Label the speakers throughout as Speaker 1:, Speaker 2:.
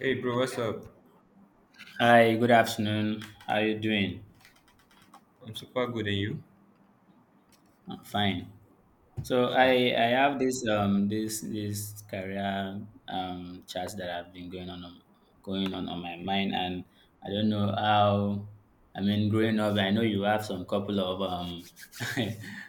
Speaker 1: Hey bro, what's up?
Speaker 2: Hi, good afternoon. How are you doing?
Speaker 1: I'm super good and you?
Speaker 2: I'm fine. So
Speaker 1: Sharp.
Speaker 2: I I have this this career chat that I've been going on my mind, and I don't know how. I mean, growing up, I know you have some couple of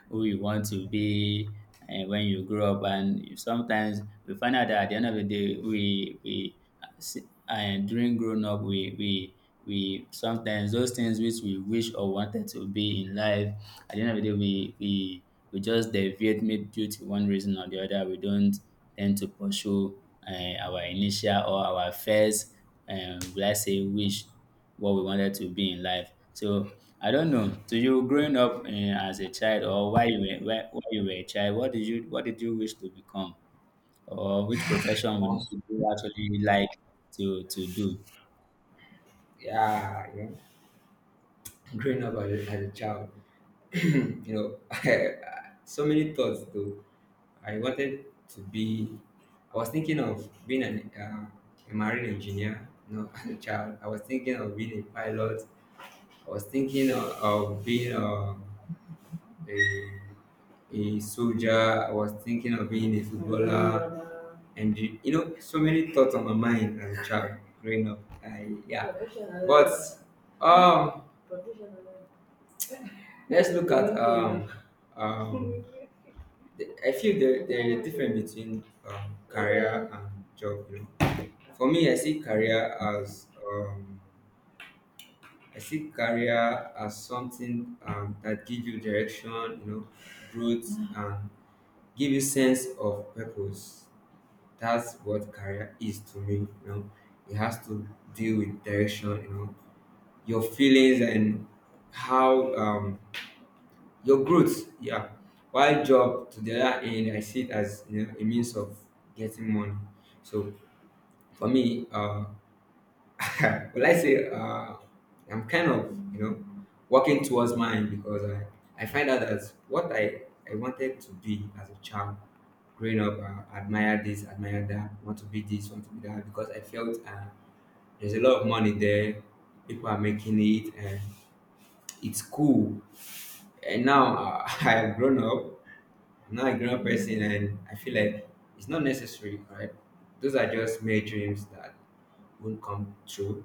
Speaker 2: who you want to be when you grow up, and sometimes we find out that at the end of the day, we see, during growing up we sometimes those things which we wish or wanted to be in life at the end of the day we just deviate maybe due to one reason or the other we don't tend to pursue our initial or our first let's say wish what we wanted to be in life. So I don't know, to you growing up as a child, or why you were a child, what did you wish to become or which profession would
Speaker 1: Oh,
Speaker 2: you actually like to do?
Speaker 1: yeah, you know, growing up as a child, you know, so many thoughts though. I wanted to be, I was thinking of being an, a marine engineer, you know, as a child. I was thinking of being a pilot. I was thinking of being a a soldier. I was thinking of being a footballer, and you know, so many thoughts on my mind as a child growing up. I yeah, but um, let's look at um, I feel there is a difference between career and job. You know, for me, I see career as I see career as something that gives you direction, you know, growth and give you sense of purpose. That's what career is to me. You know, it has to deal with direction. You know, your feelings and how your growth. Yeah. While job to the other end, I see it as you know, a means of getting money. So for me, well, I say I'm kind of you know working towards mine because I find out that what I wanted to be as a child growing up, admire this, admire that, want to be this, want to be that, because I felt there's a lot of money there. People are making it, and it's cool. And now I've grown up. I'm now a grown up person, and I feel like it's not necessary, right? Those are just mere dreams that won't come true.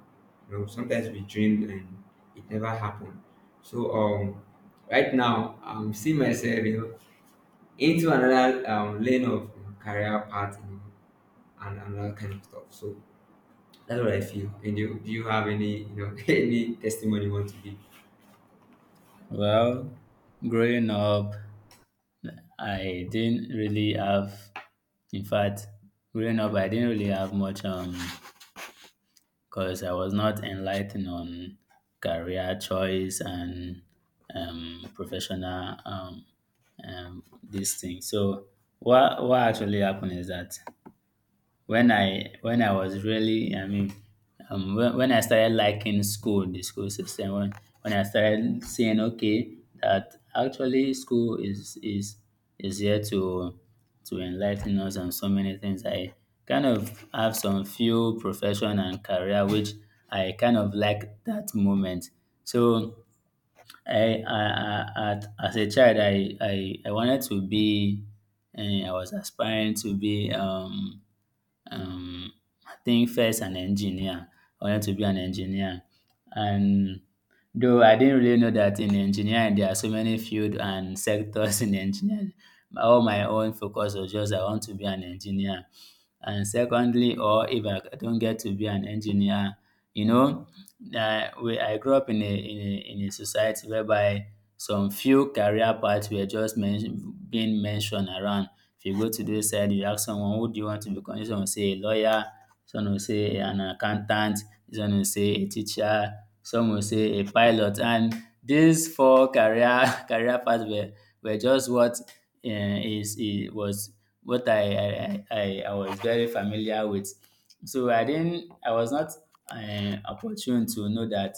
Speaker 1: You know, sometimes we dreamed and it never happened. So right now I'm seeing myself, you know, into another lane of you know, career path. You know, and that kind of stuff. So that's what I feel. And you, do you have any, you know, any testimony you want to give?
Speaker 2: Well, growing up, I didn't really have. In fact, growing up, I didn't really have much because I was not enlightened on career choice and professional this thing. So what actually happened is that when I was really, I mean, when I started liking school, the school system, when I started seeing, okay, that actually school is here to enlighten us on so many things. I kind of have some few profession and career which I kind of like that moment. So I, I, as a child, I wanted to be, and I was aspiring to be. Um, I think first an engineer. I wanted to be an engineer. And though I didn't really know that in engineering there are so many fields and sectors in engineering, all my own focus was just I want to be an engineer. And secondly, or if I don't get to be an engineer, you know, I grew up in a society whereby some few career paths were just being mentioned around. If you go to those side, you ask someone, who do you want to become? This one will say a lawyer, this one will say an accountant, this one will say a teacher, some will say a pilot. And these four career career paths were just what is it was what I was very familiar with. So I was not opportune to know that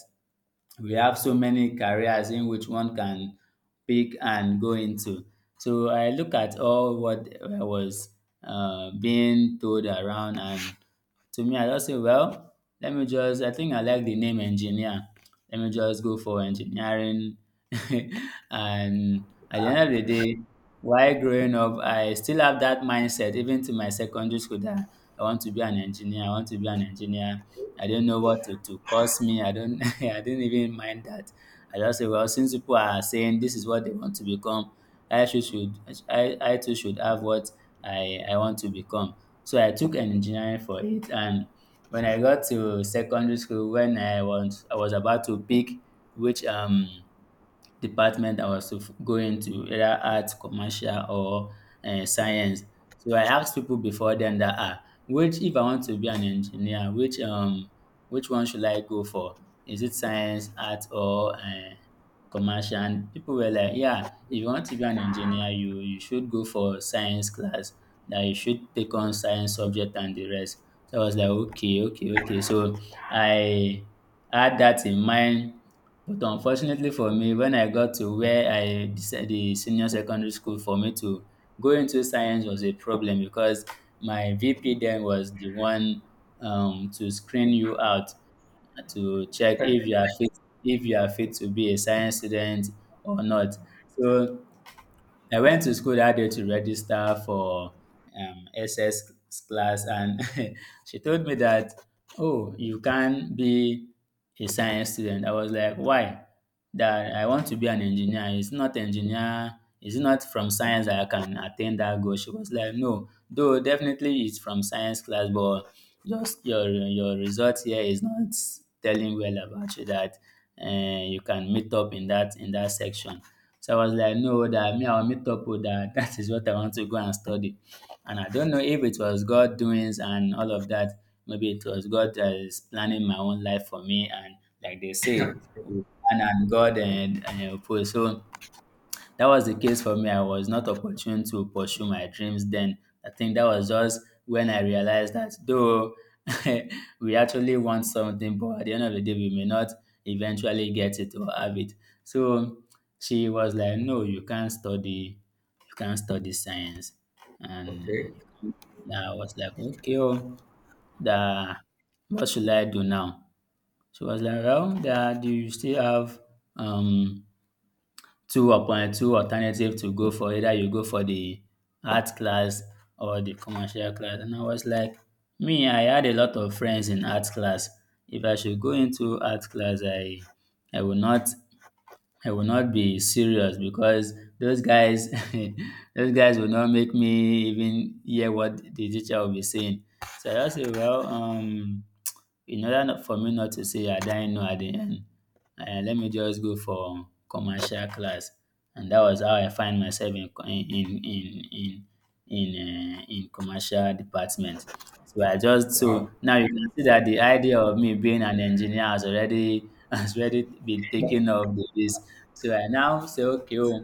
Speaker 2: we have so many careers in which one can pick and go into. So I look at all what I was being told around and to me, I just say, well, I think I like the name engineer. Let me just go for engineering. And at the end of the day, while growing up, I still have that mindset, even to my secondary school, that I want to be an engineer. I want to be an engineer. I don't know what to cost me. I don't, I didn't even mind that. I just say, well, since people are saying this is what they want to become, I should, I too should have what I want to become. So I took an engineering for it, and when I got to secondary school, when I was about to pick which department I was to going to, either arts, commercial, or science. So I asked people before then that ah, which if I want to be an engineer, which one should I go for? Is it science, art, or commercial? And people were like, yeah, if you want to be an engineer, you should go for science class. That you should take on science subject and the rest. So I was like, okay, okay, okay. So I had that in mind, but unfortunately for me, when I got to where I deci the senior secondary school, for me to go into science was a problem because my VP then was the one, to screen you out to check if you are fit to be a science student or not. So I went to school that day to register for SS class, and she told me that, oh, you can't be a science student. I was like, why? That I want to be an engineer. It's not engineer. It's not from science that I can attain that goal. She was like, no, though definitely it's from science class, but just your result here is not telling well about you that you can meet up in that section. So I was like, no, that me, I'll meet up with that. That is what I want to go and study. And I don't know if it was God doings and all of that. Maybe it was God that is planning my own life for me. And like they say, we plan and God and oppose. So that was the case for me. I was not opportune to pursue my dreams then. I think that was just when I realized that though we actually want something, but at the end of the day, we may not eventually get it or have it. So she was like, "No, you can't study. You can't study science." And
Speaker 1: Okay,
Speaker 2: I was like, "Okay, oh, the what should I do now?" She was like, "Well, that you still have um two upon two alternative to go for, either you go for the art class or the commercial class," and I was like, me, I had a lot of friends in art class. If I should go into art class, I will not I will not be serious because those guys those guys will not make me even hear what the teacher will be saying. So I just say, well, in order not for me not to say I didn't know at the end, let me just go for commercial class. And that was how I find myself in co- in, in commercial department. So I just So
Speaker 1: wow.
Speaker 2: now you can see that the idea of me being an engineer has already has already been taken off the list. So I now say, okay, oh,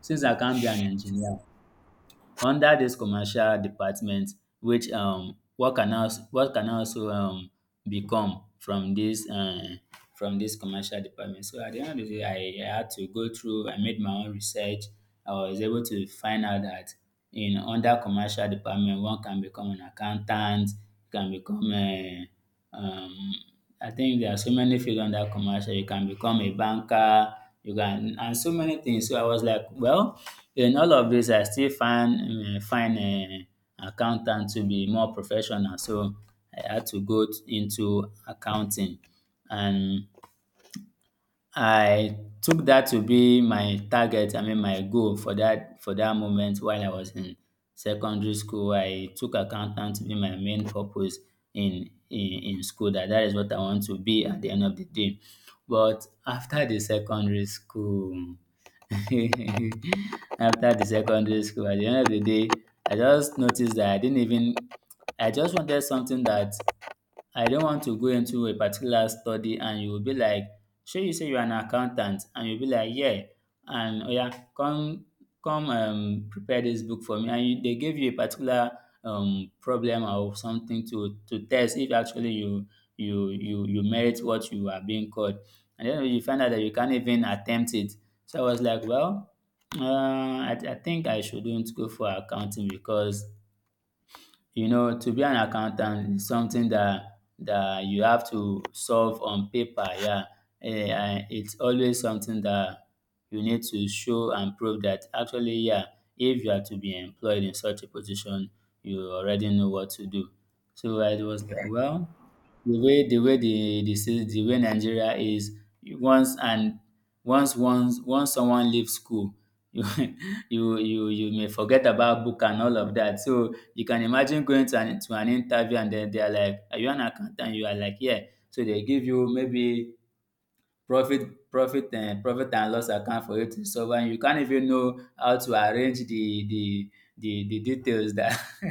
Speaker 2: since I can't be an engineer, under dis commercial department, which what can also become from dis commercial department. So at the end of the day, I had to go through, I made my own research. I was able to find out that in under commercial department, one can become an accountant, you can become a Um, I think there are so many fields under commercial. You can become a banker, you can, and so many things. So I was like, well, in all of this, I still find an accountant to be more professional. So I had to into accounting, and I took that to be my target, I mean my goal for that moment while I was in secondary school. I took accountant to be my main purpose in school, that that is what I want to be at the end of the day. But after the secondary school, after the secondary school, at the end of the day, I just noticed that I didn't even I just wanted something that I don't want to go into a particular study and you will be like, show you say you're an accountant and you'll be like, yeah, and oh yeah, come come prepare this book for me. And you, they give you a particular problem or something to test if actually you merit what you are being called. And then you find out that you can't even attempt it. So I was like, well, I think I shouldn't go for accounting because you know, to be an accountant is something that you have to solve on paper. Yeah, eh, and it's always something that you need to show and prove that actually, yeah, if you are to be employed in such a position, you already know what to do. So I was like, well, the way the way the state the way Nigeria is. You once and once once once someone leaves school, you you may forget about book and all of that. So you can imagine going to an interview and then they are like, "Are you an accountant?" You are like, "Yeah." So they give you maybe profit and loss account for you to survive. You can't even know how to arrange the the details that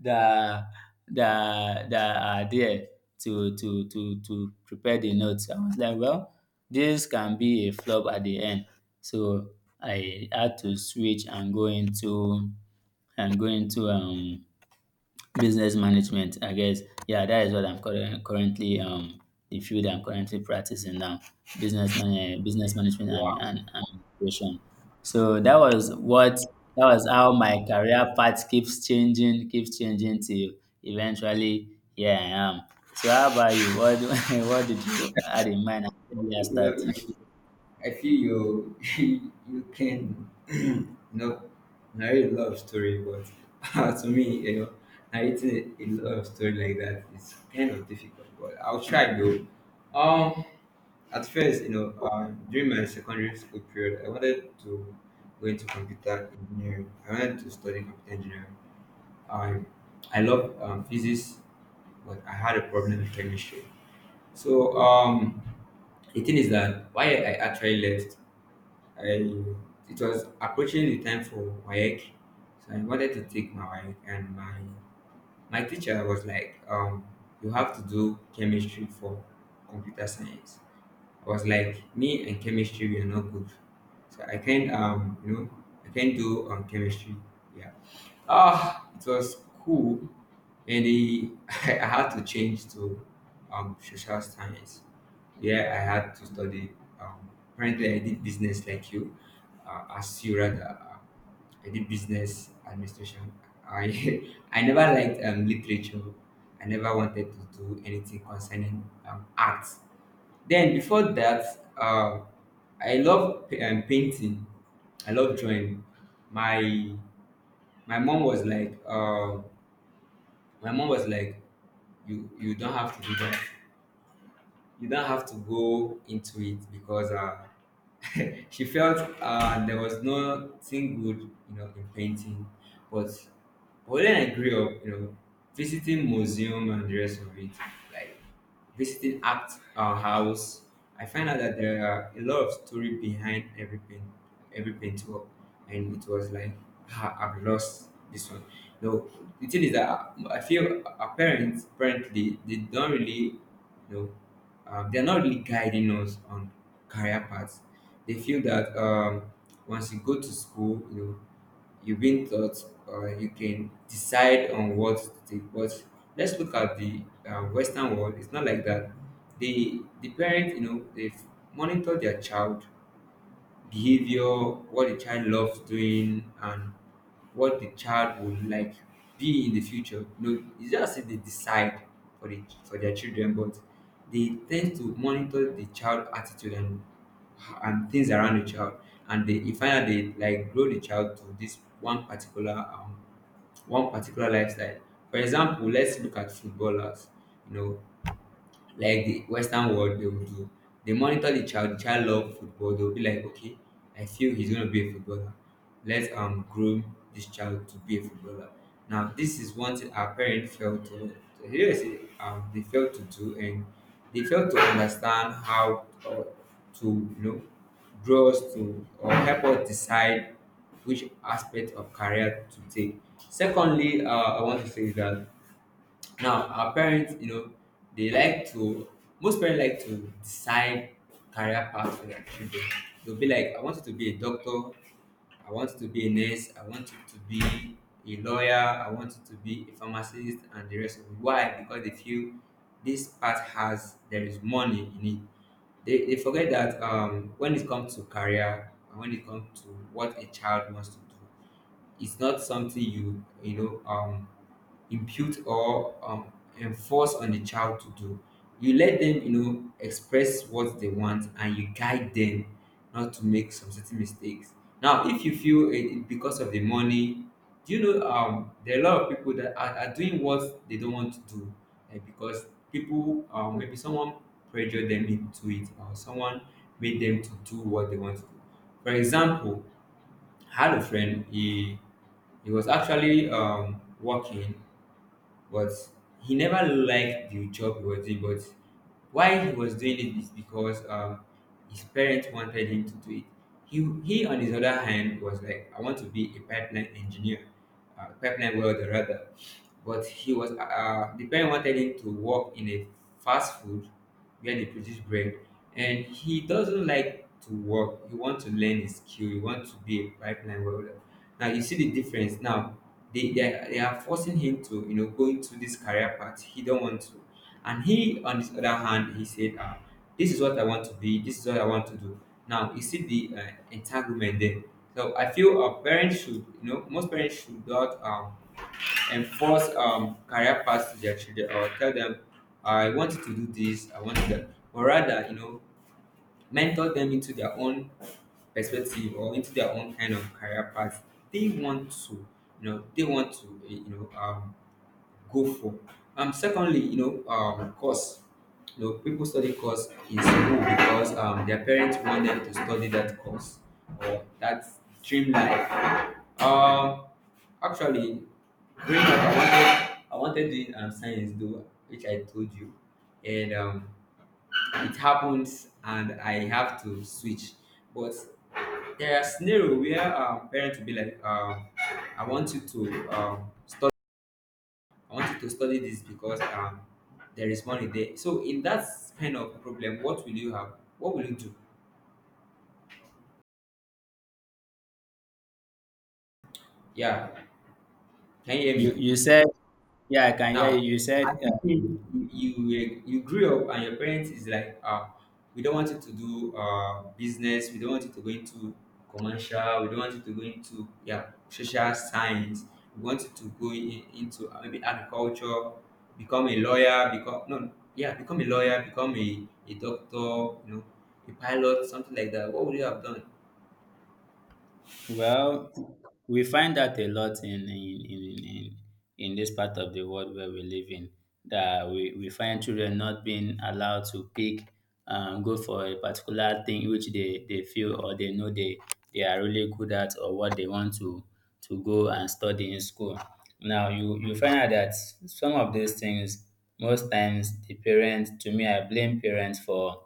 Speaker 2: that that are there to prepare the notes. I was like, well, this can be a flop at the end. So I had to switch and go into and go into business management, I guess. Yeah, that is what I'm current, currently the field I'm currently practicing now. Business man, Business management and creation. So that was how my career path keeps changing till eventually here I am. So how about you? What do- What did you had in mind at the
Speaker 1: You
Speaker 2: start?
Speaker 1: know, I feel you, you can, you know, narrate a lot of story, but to me, you know, narrating a lot of story like that is kind of difficult. But I'll try though. Um, at first, you know, during my secondary school period, I wanted to go into computer engineering. I wanted to study computer engineering. I I love physics, but I had a problem with chemistry. So the thing is that why I actually left, I it was approaching the time for WAEC, so I wanted to take my WAEC, and my teacher was like, you have to do chemistry for computer science. I was like, me and chemistry we are not good, so I can't you know I can't do chemistry. Yeah. Ah, it was cool. And I had to change to social science. Yeah, I had to study. Apparently, I did business like you. As you rather, I did business administration. I I never liked literature. I never wanted to do anything concerning arts. Then before that, uh, I love painting. I love drawing. My my mom was like, my mom was like, you don't have to do that. You don't have to go into it because she felt there was nothing good, you know, in painting. But when I grew up, you know, visiting museum and the rest of it, like visiting at our house, I find out that there are a lot of story behind every paint, every paintwork, and it was like ah, I've lost this one. No, the thing is that I feel our parents apparently they don't really, you know, they're not really guiding us on career paths. They feel that once you go to school, you know you've been taught or you can decide on what to take. But let's look at the Western world. It's not like that. The parent, you know, they monitor their child behavior, what the child loves doing, and what the child would like be in the future. You know, it's just that they decide for the for their children, but they tend to monitor the child attitude and things around the child, and they you find out they like grow the child to this one particular lifestyle. For example, let's look at footballers. You know, like the Western world they will do. They monitor the child. The child love football. They'll be like, okay, I feel he's gonna be a footballer. Let's groom this child to be a footballer. Now this is one thing our parents failed to yes they failed to do and they failed to understand how to you know draw us to or help us decide which aspect of career to take. Secondly, I want to say that now, our parents, you know, they like to, most parents like to decide career path for their children. They'll be like, I want you to be a doctor, I want you to be a nurse, I want you to be a lawyer, I want you to be a pharmacist, and the rest of it. Why? Because they feel this path has, there is money in it. They forget that when it comes to career and when it comes to what a child wants to do, it's not something you, you know, impute or enforce on the child to do. You let them, you know, express what they want, and you guide them not to make some certain mistakes. Now, if you feel it because of the money, do you know there are a lot of people that are doing what they don't want to do eh, because maybe someone pressured them into it or someone made them to do what they want to do. For example, I had a friend, he was actually working but he never liked the job he was doing. But why he was doing it is because his parents wanted him to do it. He on his other hand was like, I want to be a pipeline engineer, pipeline welder rather. But he was the parent wanted him to work in a fast food where they produce bread. And he doesn't like to work. He wants to learn his skill. He wants to be a pipeline welder. Now you see the difference. Now they are forcing him to you know go into this career path. He don't want to. And he, on the other hand, he said, ah, this is what I want to be. This is what I want to do. Now you see the entanglement there. So I feel our parents should, you know, most parents should not enforce career paths to their children or tell them, I want you to do this, I want that. Or rather, you know, mentor them into their own perspective or into their own kind of career path they want to, you know, they want to, you know, go for. Secondly, you know, course. You know, people study course in school because their parents want them to study that course or that dream life. Um, actually, growing up I wanted doing science though which I told you, and it happens and I have to switch. But there are scenarios where parents will be like I want you to study. I want you to study this because there is money there. So in that kind of problem what will you have? What will you do? Yeah, can you hear
Speaker 2: You
Speaker 1: me?
Speaker 2: you said, yeah, I can hear
Speaker 1: Now
Speaker 2: you. You said,
Speaker 1: you you grew up and your parents is like ah, we don't want you to do business, we don't want you to go into commercial, we don't want you to go into yeah social science, we want you to into maybe agriculture, become a lawyer become no yeah become a lawyer, become a doctor, you know, a pilot, something like that. What would you have done?
Speaker 2: well, we find that a lot in this part of the world where we live in. That we find children not being allowed to pick, go for a particular thing which they feel or they know they are really good at or what they want to go and study in school. Now you find out that some of these things most times the parents, to me, I blame parents for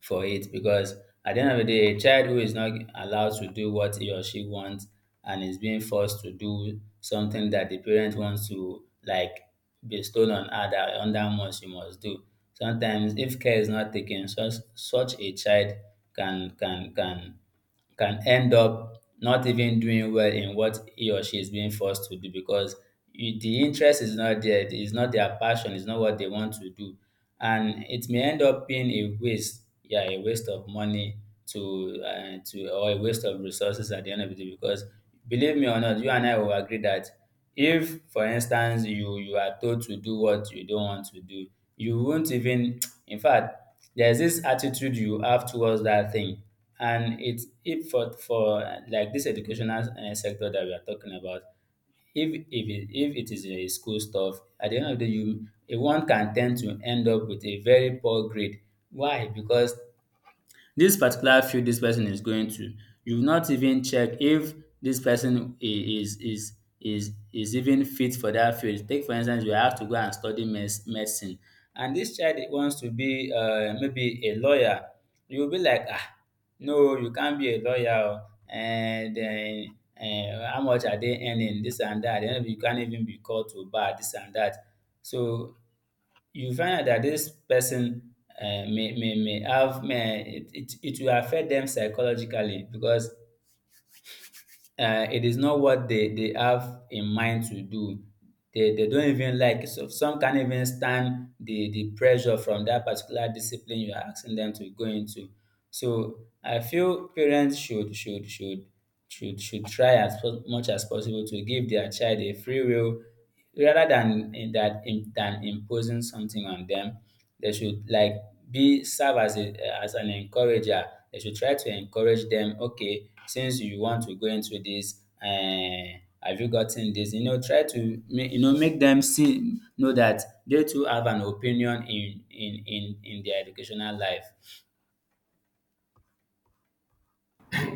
Speaker 2: for it because at the end of the day, a child who is not allowed to do what he or she wants and is being forced to do something that the parent wants to, like, bestow on her that under must you must do. Sometimes, if care is not taken, such a child can can can can end up not even doing well in what he or she is being forced to do because the interest is not there, it's not their passion, it's not what they want to do. And it may end up being a waste, yeah, a waste of money to, or a waste of resources at the end of the day because, believe me or not, you and I will agree that if, for instance, you are told to do what you don't want to do, you won't even in fact, there's this attitude you have towards that thing. And it's if for like this educational sector that we are talking about, if it is a school stuff, at the end of the day, you a one can tend to end up with a very poor grade. Why? Because this particular field this person is going to, you not even check if this person is even fit for that field. Take, for instance, you have to go and study medicine, and this child wants to be, maybe a lawyer. You will be like, ah, no, you can't be a lawyer. Oh. And then, how much are they earning? This and that. Then you can't even be called to bar. This and that. So you find out that this person, may have may, it will affect them psychologically because, it is not what they have in mind to do. They don't even like it, so some can't even stand the pressure from that particular discipline you're asking them to go into. So I feel parents should try as much as possible to give their child a free will rather than than imposing something on them. They should, like, be serve as a, as an encourager. They should try to encourage them. Okay, since you want to go into this, have you gotten this? You know, try to make, you know, make them see, know that they too have an opinion in their educational life.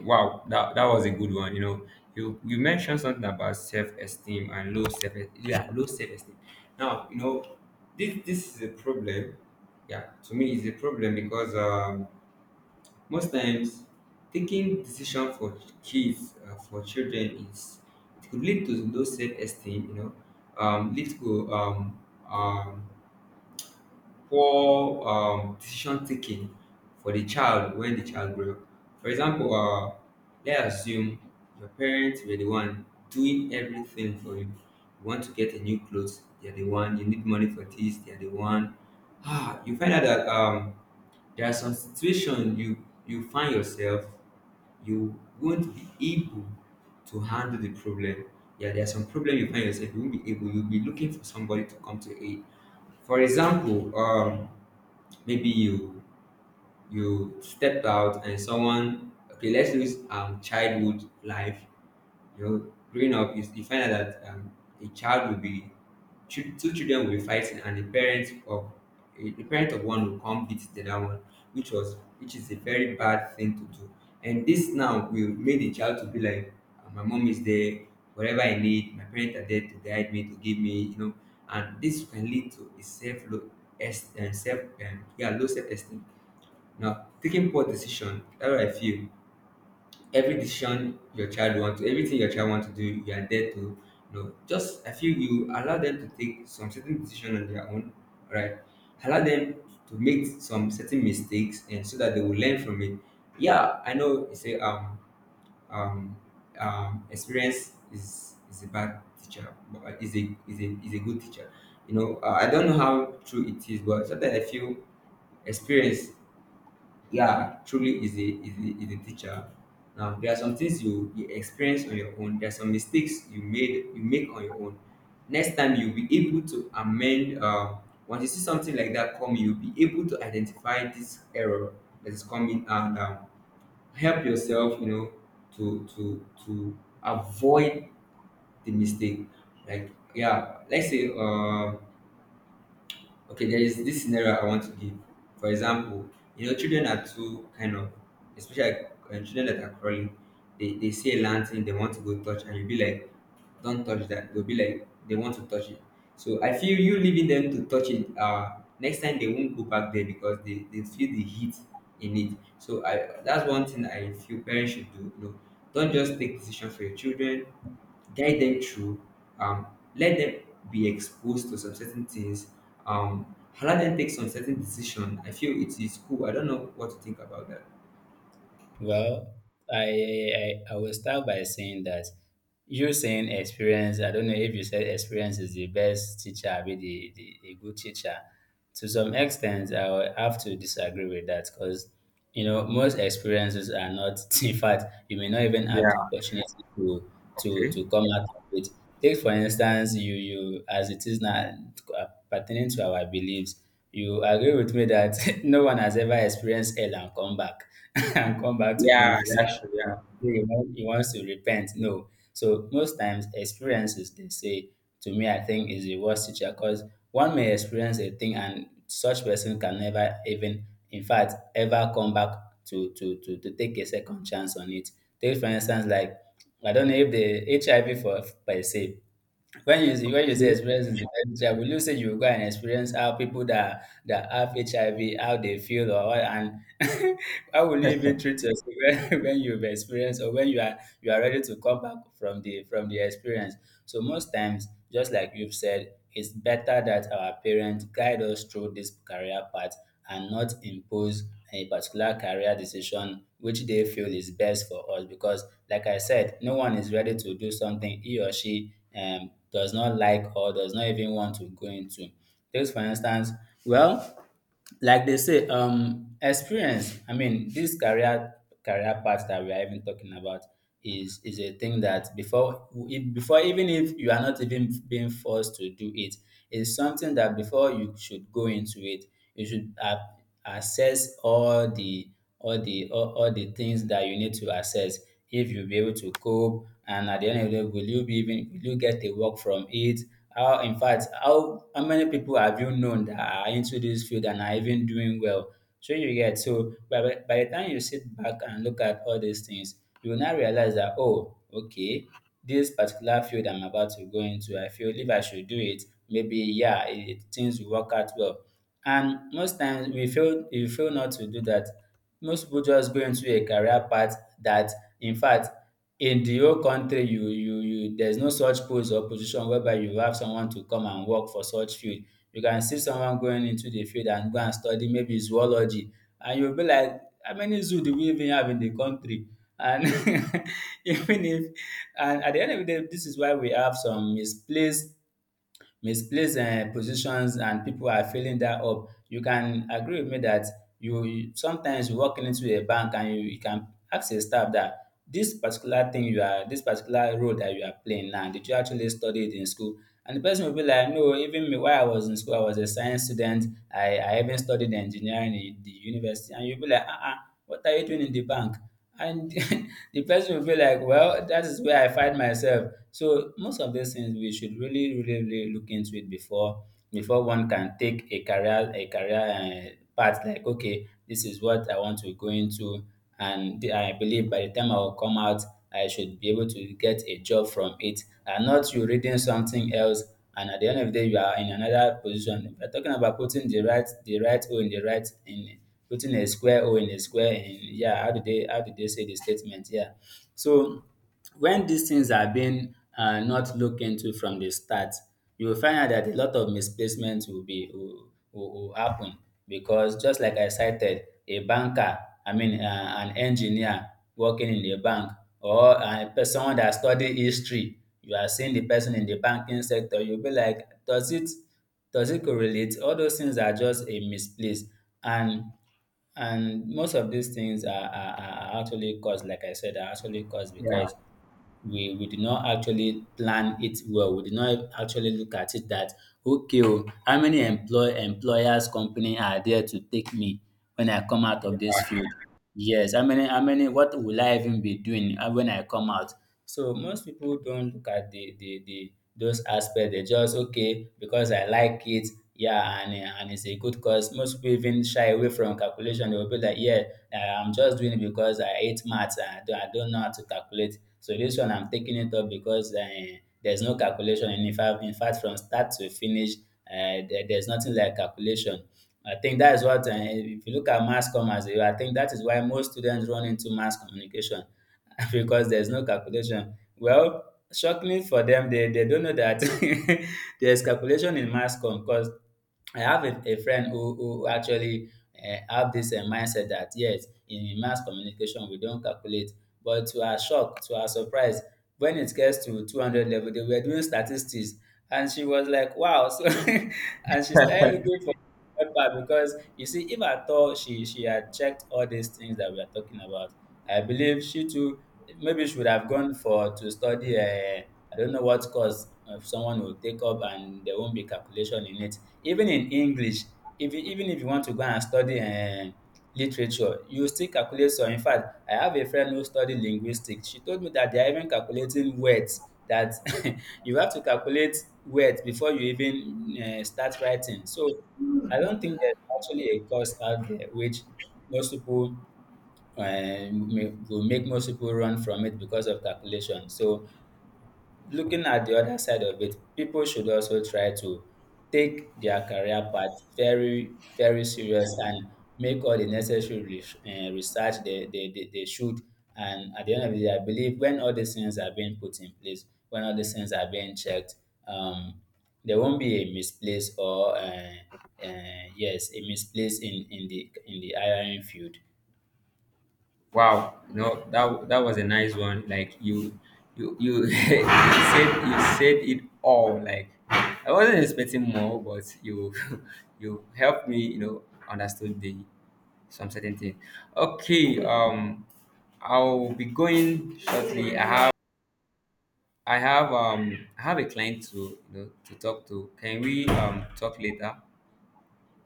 Speaker 1: Wow, that was a good one. You know, you mentioned something about self-esteem and low self. Yeah, low self-esteem. Now, you know, this is a problem. Yeah, to me it's a problem because most times taking decision for kids for children is it could lead to low self-esteem. You know, lead to um, poor decision taking for the child when the child grow up. For example, let's assume your parents were the one doing everything for you. You want to get a new clothes, they are the one. You need money for this, they are the one. You find out that there are some situations you find yourself you won't be able to handle the problem. Yeah, there are some problem you find yourself you won't be able. You'll be looking for somebody to come to aid. For example, maybe you stepped out and someone okay let's use childhood life you know growing up you find out that a child will be two children will be fighting and the parents of the parent of one will come beat the other one which was which is a very bad thing to do and this now will make the child to be like, "Ah, my mom is there, whatever I need my parents are there to guide me, to give me, you know." And this can lead to a self low self, yeah, low self esteem now, taking poor decision, how I feel. Every decision your child wants, everything your child wants to do, you are there to you know. Just I feel you allow them to take some certain decision on their own, right? Allow them to make some certain mistakes, and so that they will learn from it. Yeah, I know you say um experience is a bad teacher, but is a is a good teacher. You know, I don't know how true it is, but sometimes I feel experience, yeah, truly is a is a teacher. Now there are some things you experience on your own. There are some mistakes you make on your own. Next time you'll be able to amend. Once you see something like that coming, you'll be able to identify this error that is coming and, help yourself. You know to avoid the mistake. Like yeah, let's say okay, there is this scenario I want to give. For example, you know, children are too kind of, especially children that are crawling, they see a lantern, they want to go touch, and you'll be like, don't touch that. They'll be like, they want to touch it. So I feel you leaving them to touch it, next time they won't go back there because they feel the heat in it. So I That's one thing I feel parents should do. You know, don't just take decision for your children, guide them through, um, let them be exposed to some certain things, um, allow them take some certain decision. I feel it is cool. I don't know what to think about that.
Speaker 2: Well, I will start by saying that you saying experience, I don't know if you said experience is the best teacher, I mean a good teacher. To some extent, I will have to disagree with that because, you know, most experiences are not, in fact, you may not even have the
Speaker 1: Yeah.
Speaker 2: opportunity
Speaker 1: Okay.
Speaker 2: to come out of it. Take, for instance, you as it is now, pertaining to our beliefs, you agree with me that no one has ever experienced hell and come back and come back to
Speaker 1: Yeah.
Speaker 2: live. Say, "Ah,
Speaker 1: That's true. Yeah.
Speaker 2: He wants to repent." No. So most times experiences, they say, to me, I think is the worst teacher because one may experience a thing and such person can never even, in fact, ever come back to take a second chance on it. Take, for instance, like, I don't know if the HIV for per se, when you say
Speaker 1: True.
Speaker 2: experience with HIV, will you say you go and experience how people that have HIV how they feel or what, and how will you even treat yourself when you've experienced or when you are ready to come back from the experience? So most times, just like you've said, it's better that our parents guide us through this career path and not impose a particular career decision which they feel is best for us because, like I said, no one is ready to do something he or she, does not like or does not even want to go into. Take, for instance, well, like they say, experience. I mean, this career path that we are even talking about is a thing that before, before, even if you are not even being forced to do it, is something that before you should go into it, you should have access all the all the things that you need to access if you'll be able to cope, and at the end of the day will you be even, will you get a work from it, how, in fact, how many people have you known that are into this field and are even doing well? So you get, so by, by the time you sit back and look at all these things, you will now realize that, oh, okay, this particular field I'm about to go into, I feel if I should do it, maybe yeah things will work out well. And most times we fail not to do that. Most people just go into a career path that, in fact, in the whole country, you there's no such post or position whereby you have someone to come and work for such field. You can see someone going into the field and go and study maybe zoology, and you'll be like, how many zoo do we even have in the country? And even if, and at the end of the day, this is why we have some misplaced positions, and people are filling that up. You can agree with me that you sometimes you walk into a bank and you can ask a staff that this particular this particular role that you are playing now, did you actually study it in school? And the person will be like, no, even me, while I was in school, I was a science student. I even studied engineering in the university. And you'll be like, uh-uh, what are you doing in the bank? And the person will be like, well, that is where I find myself. So most of these things we should really, really, really look into it before, before one can take a career, path, like, okay, this is what I want to go into, and I believe by the time I will come out, I should be able to get a job from it, and not you reading something else. And at the end of the day, you are in another position. We're talking about putting the right O in the right in putting a square O in a square. In, yeah, how do they, how do they say the statement? Yeah, so when these things are being, not looked into from the start, you will find out that a lot of misplacements will be, will happen because, just like I cited, a banker, I mean, an engineer working in a bank or, someone that study history, you are seeing the person in the banking sector, you'll be like, does it, does it correlate? All those things are just a misplace. and and most of these things are actually caused, like I said, are actually caused
Speaker 1: Yeah.
Speaker 2: because we did not actually plan it well. We did not actually look at it that, okay, oh, how many employers company are there to take me when I come out of this
Speaker 1: Yeah.
Speaker 2: field? Yes, how many, how many, what will I even be doing, when I come out? So most people don't look at the those aspects. They just, okay, because I like it, yeah, and, and it's a good cause. Most people even shy away from calculation. They will be like, yeah, uh, I'm just doing it because I hate maths and I don't know how to calculate. So this one I'm taking it up because, there's no calculation. And in fact, from start to finish, there's nothing like calculation. I think that is what, if you look at mass comm as a, I think that is why most students run into mass communication because there's no calculation. Well, shockingly for them, they don't know that there's calculation in mass com because I have a friend who actually, have this, mindset that, yes, in mass communication we don't calculate. But to our shock, to our surprise, when it gets to 200 level, they were doing statistics, and she was like, "Wow!" So, and she started looking for paper because you see, if at all she had checked all these things that we are talking about, I believe she too maybe should have gone for to study. I don't know what course, someone will take up, and there won't be calculation in it. Even in English, if you, even if you want to go and study, literature, you still calculate. So, in fact, I have a friend who studied linguistics. She told me that they are even calculating words. That you have to calculate words before you even, start writing. So I don't think there's actually a course out there which most people, and will make most people run from it because of calculation. So, looking at the other side of it, people should also try to take their career path very, very serious and make all the necessary research they should. And at the end of the day, I believe when all these things are being put in place, when all these things are being checked, um, there won't be a misplace or, yes, a misplace in the, in the hiring field.
Speaker 1: Wow. You know that that was a nice one. Like you said it all. Like I wasn't expecting more, but you you helped me. You know, understood the some certain thing. Okay. I'll be going shortly. I have a client to you know, to talk to. Can we talk later?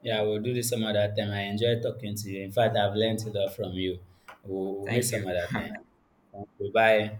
Speaker 2: Yeah, we'll do this some other time. I enjoy talking to you. In fact, I've learned a lot from you. We'll meet
Speaker 1: Thank
Speaker 2: some
Speaker 1: you.
Speaker 2: other time. Thank you. Bye.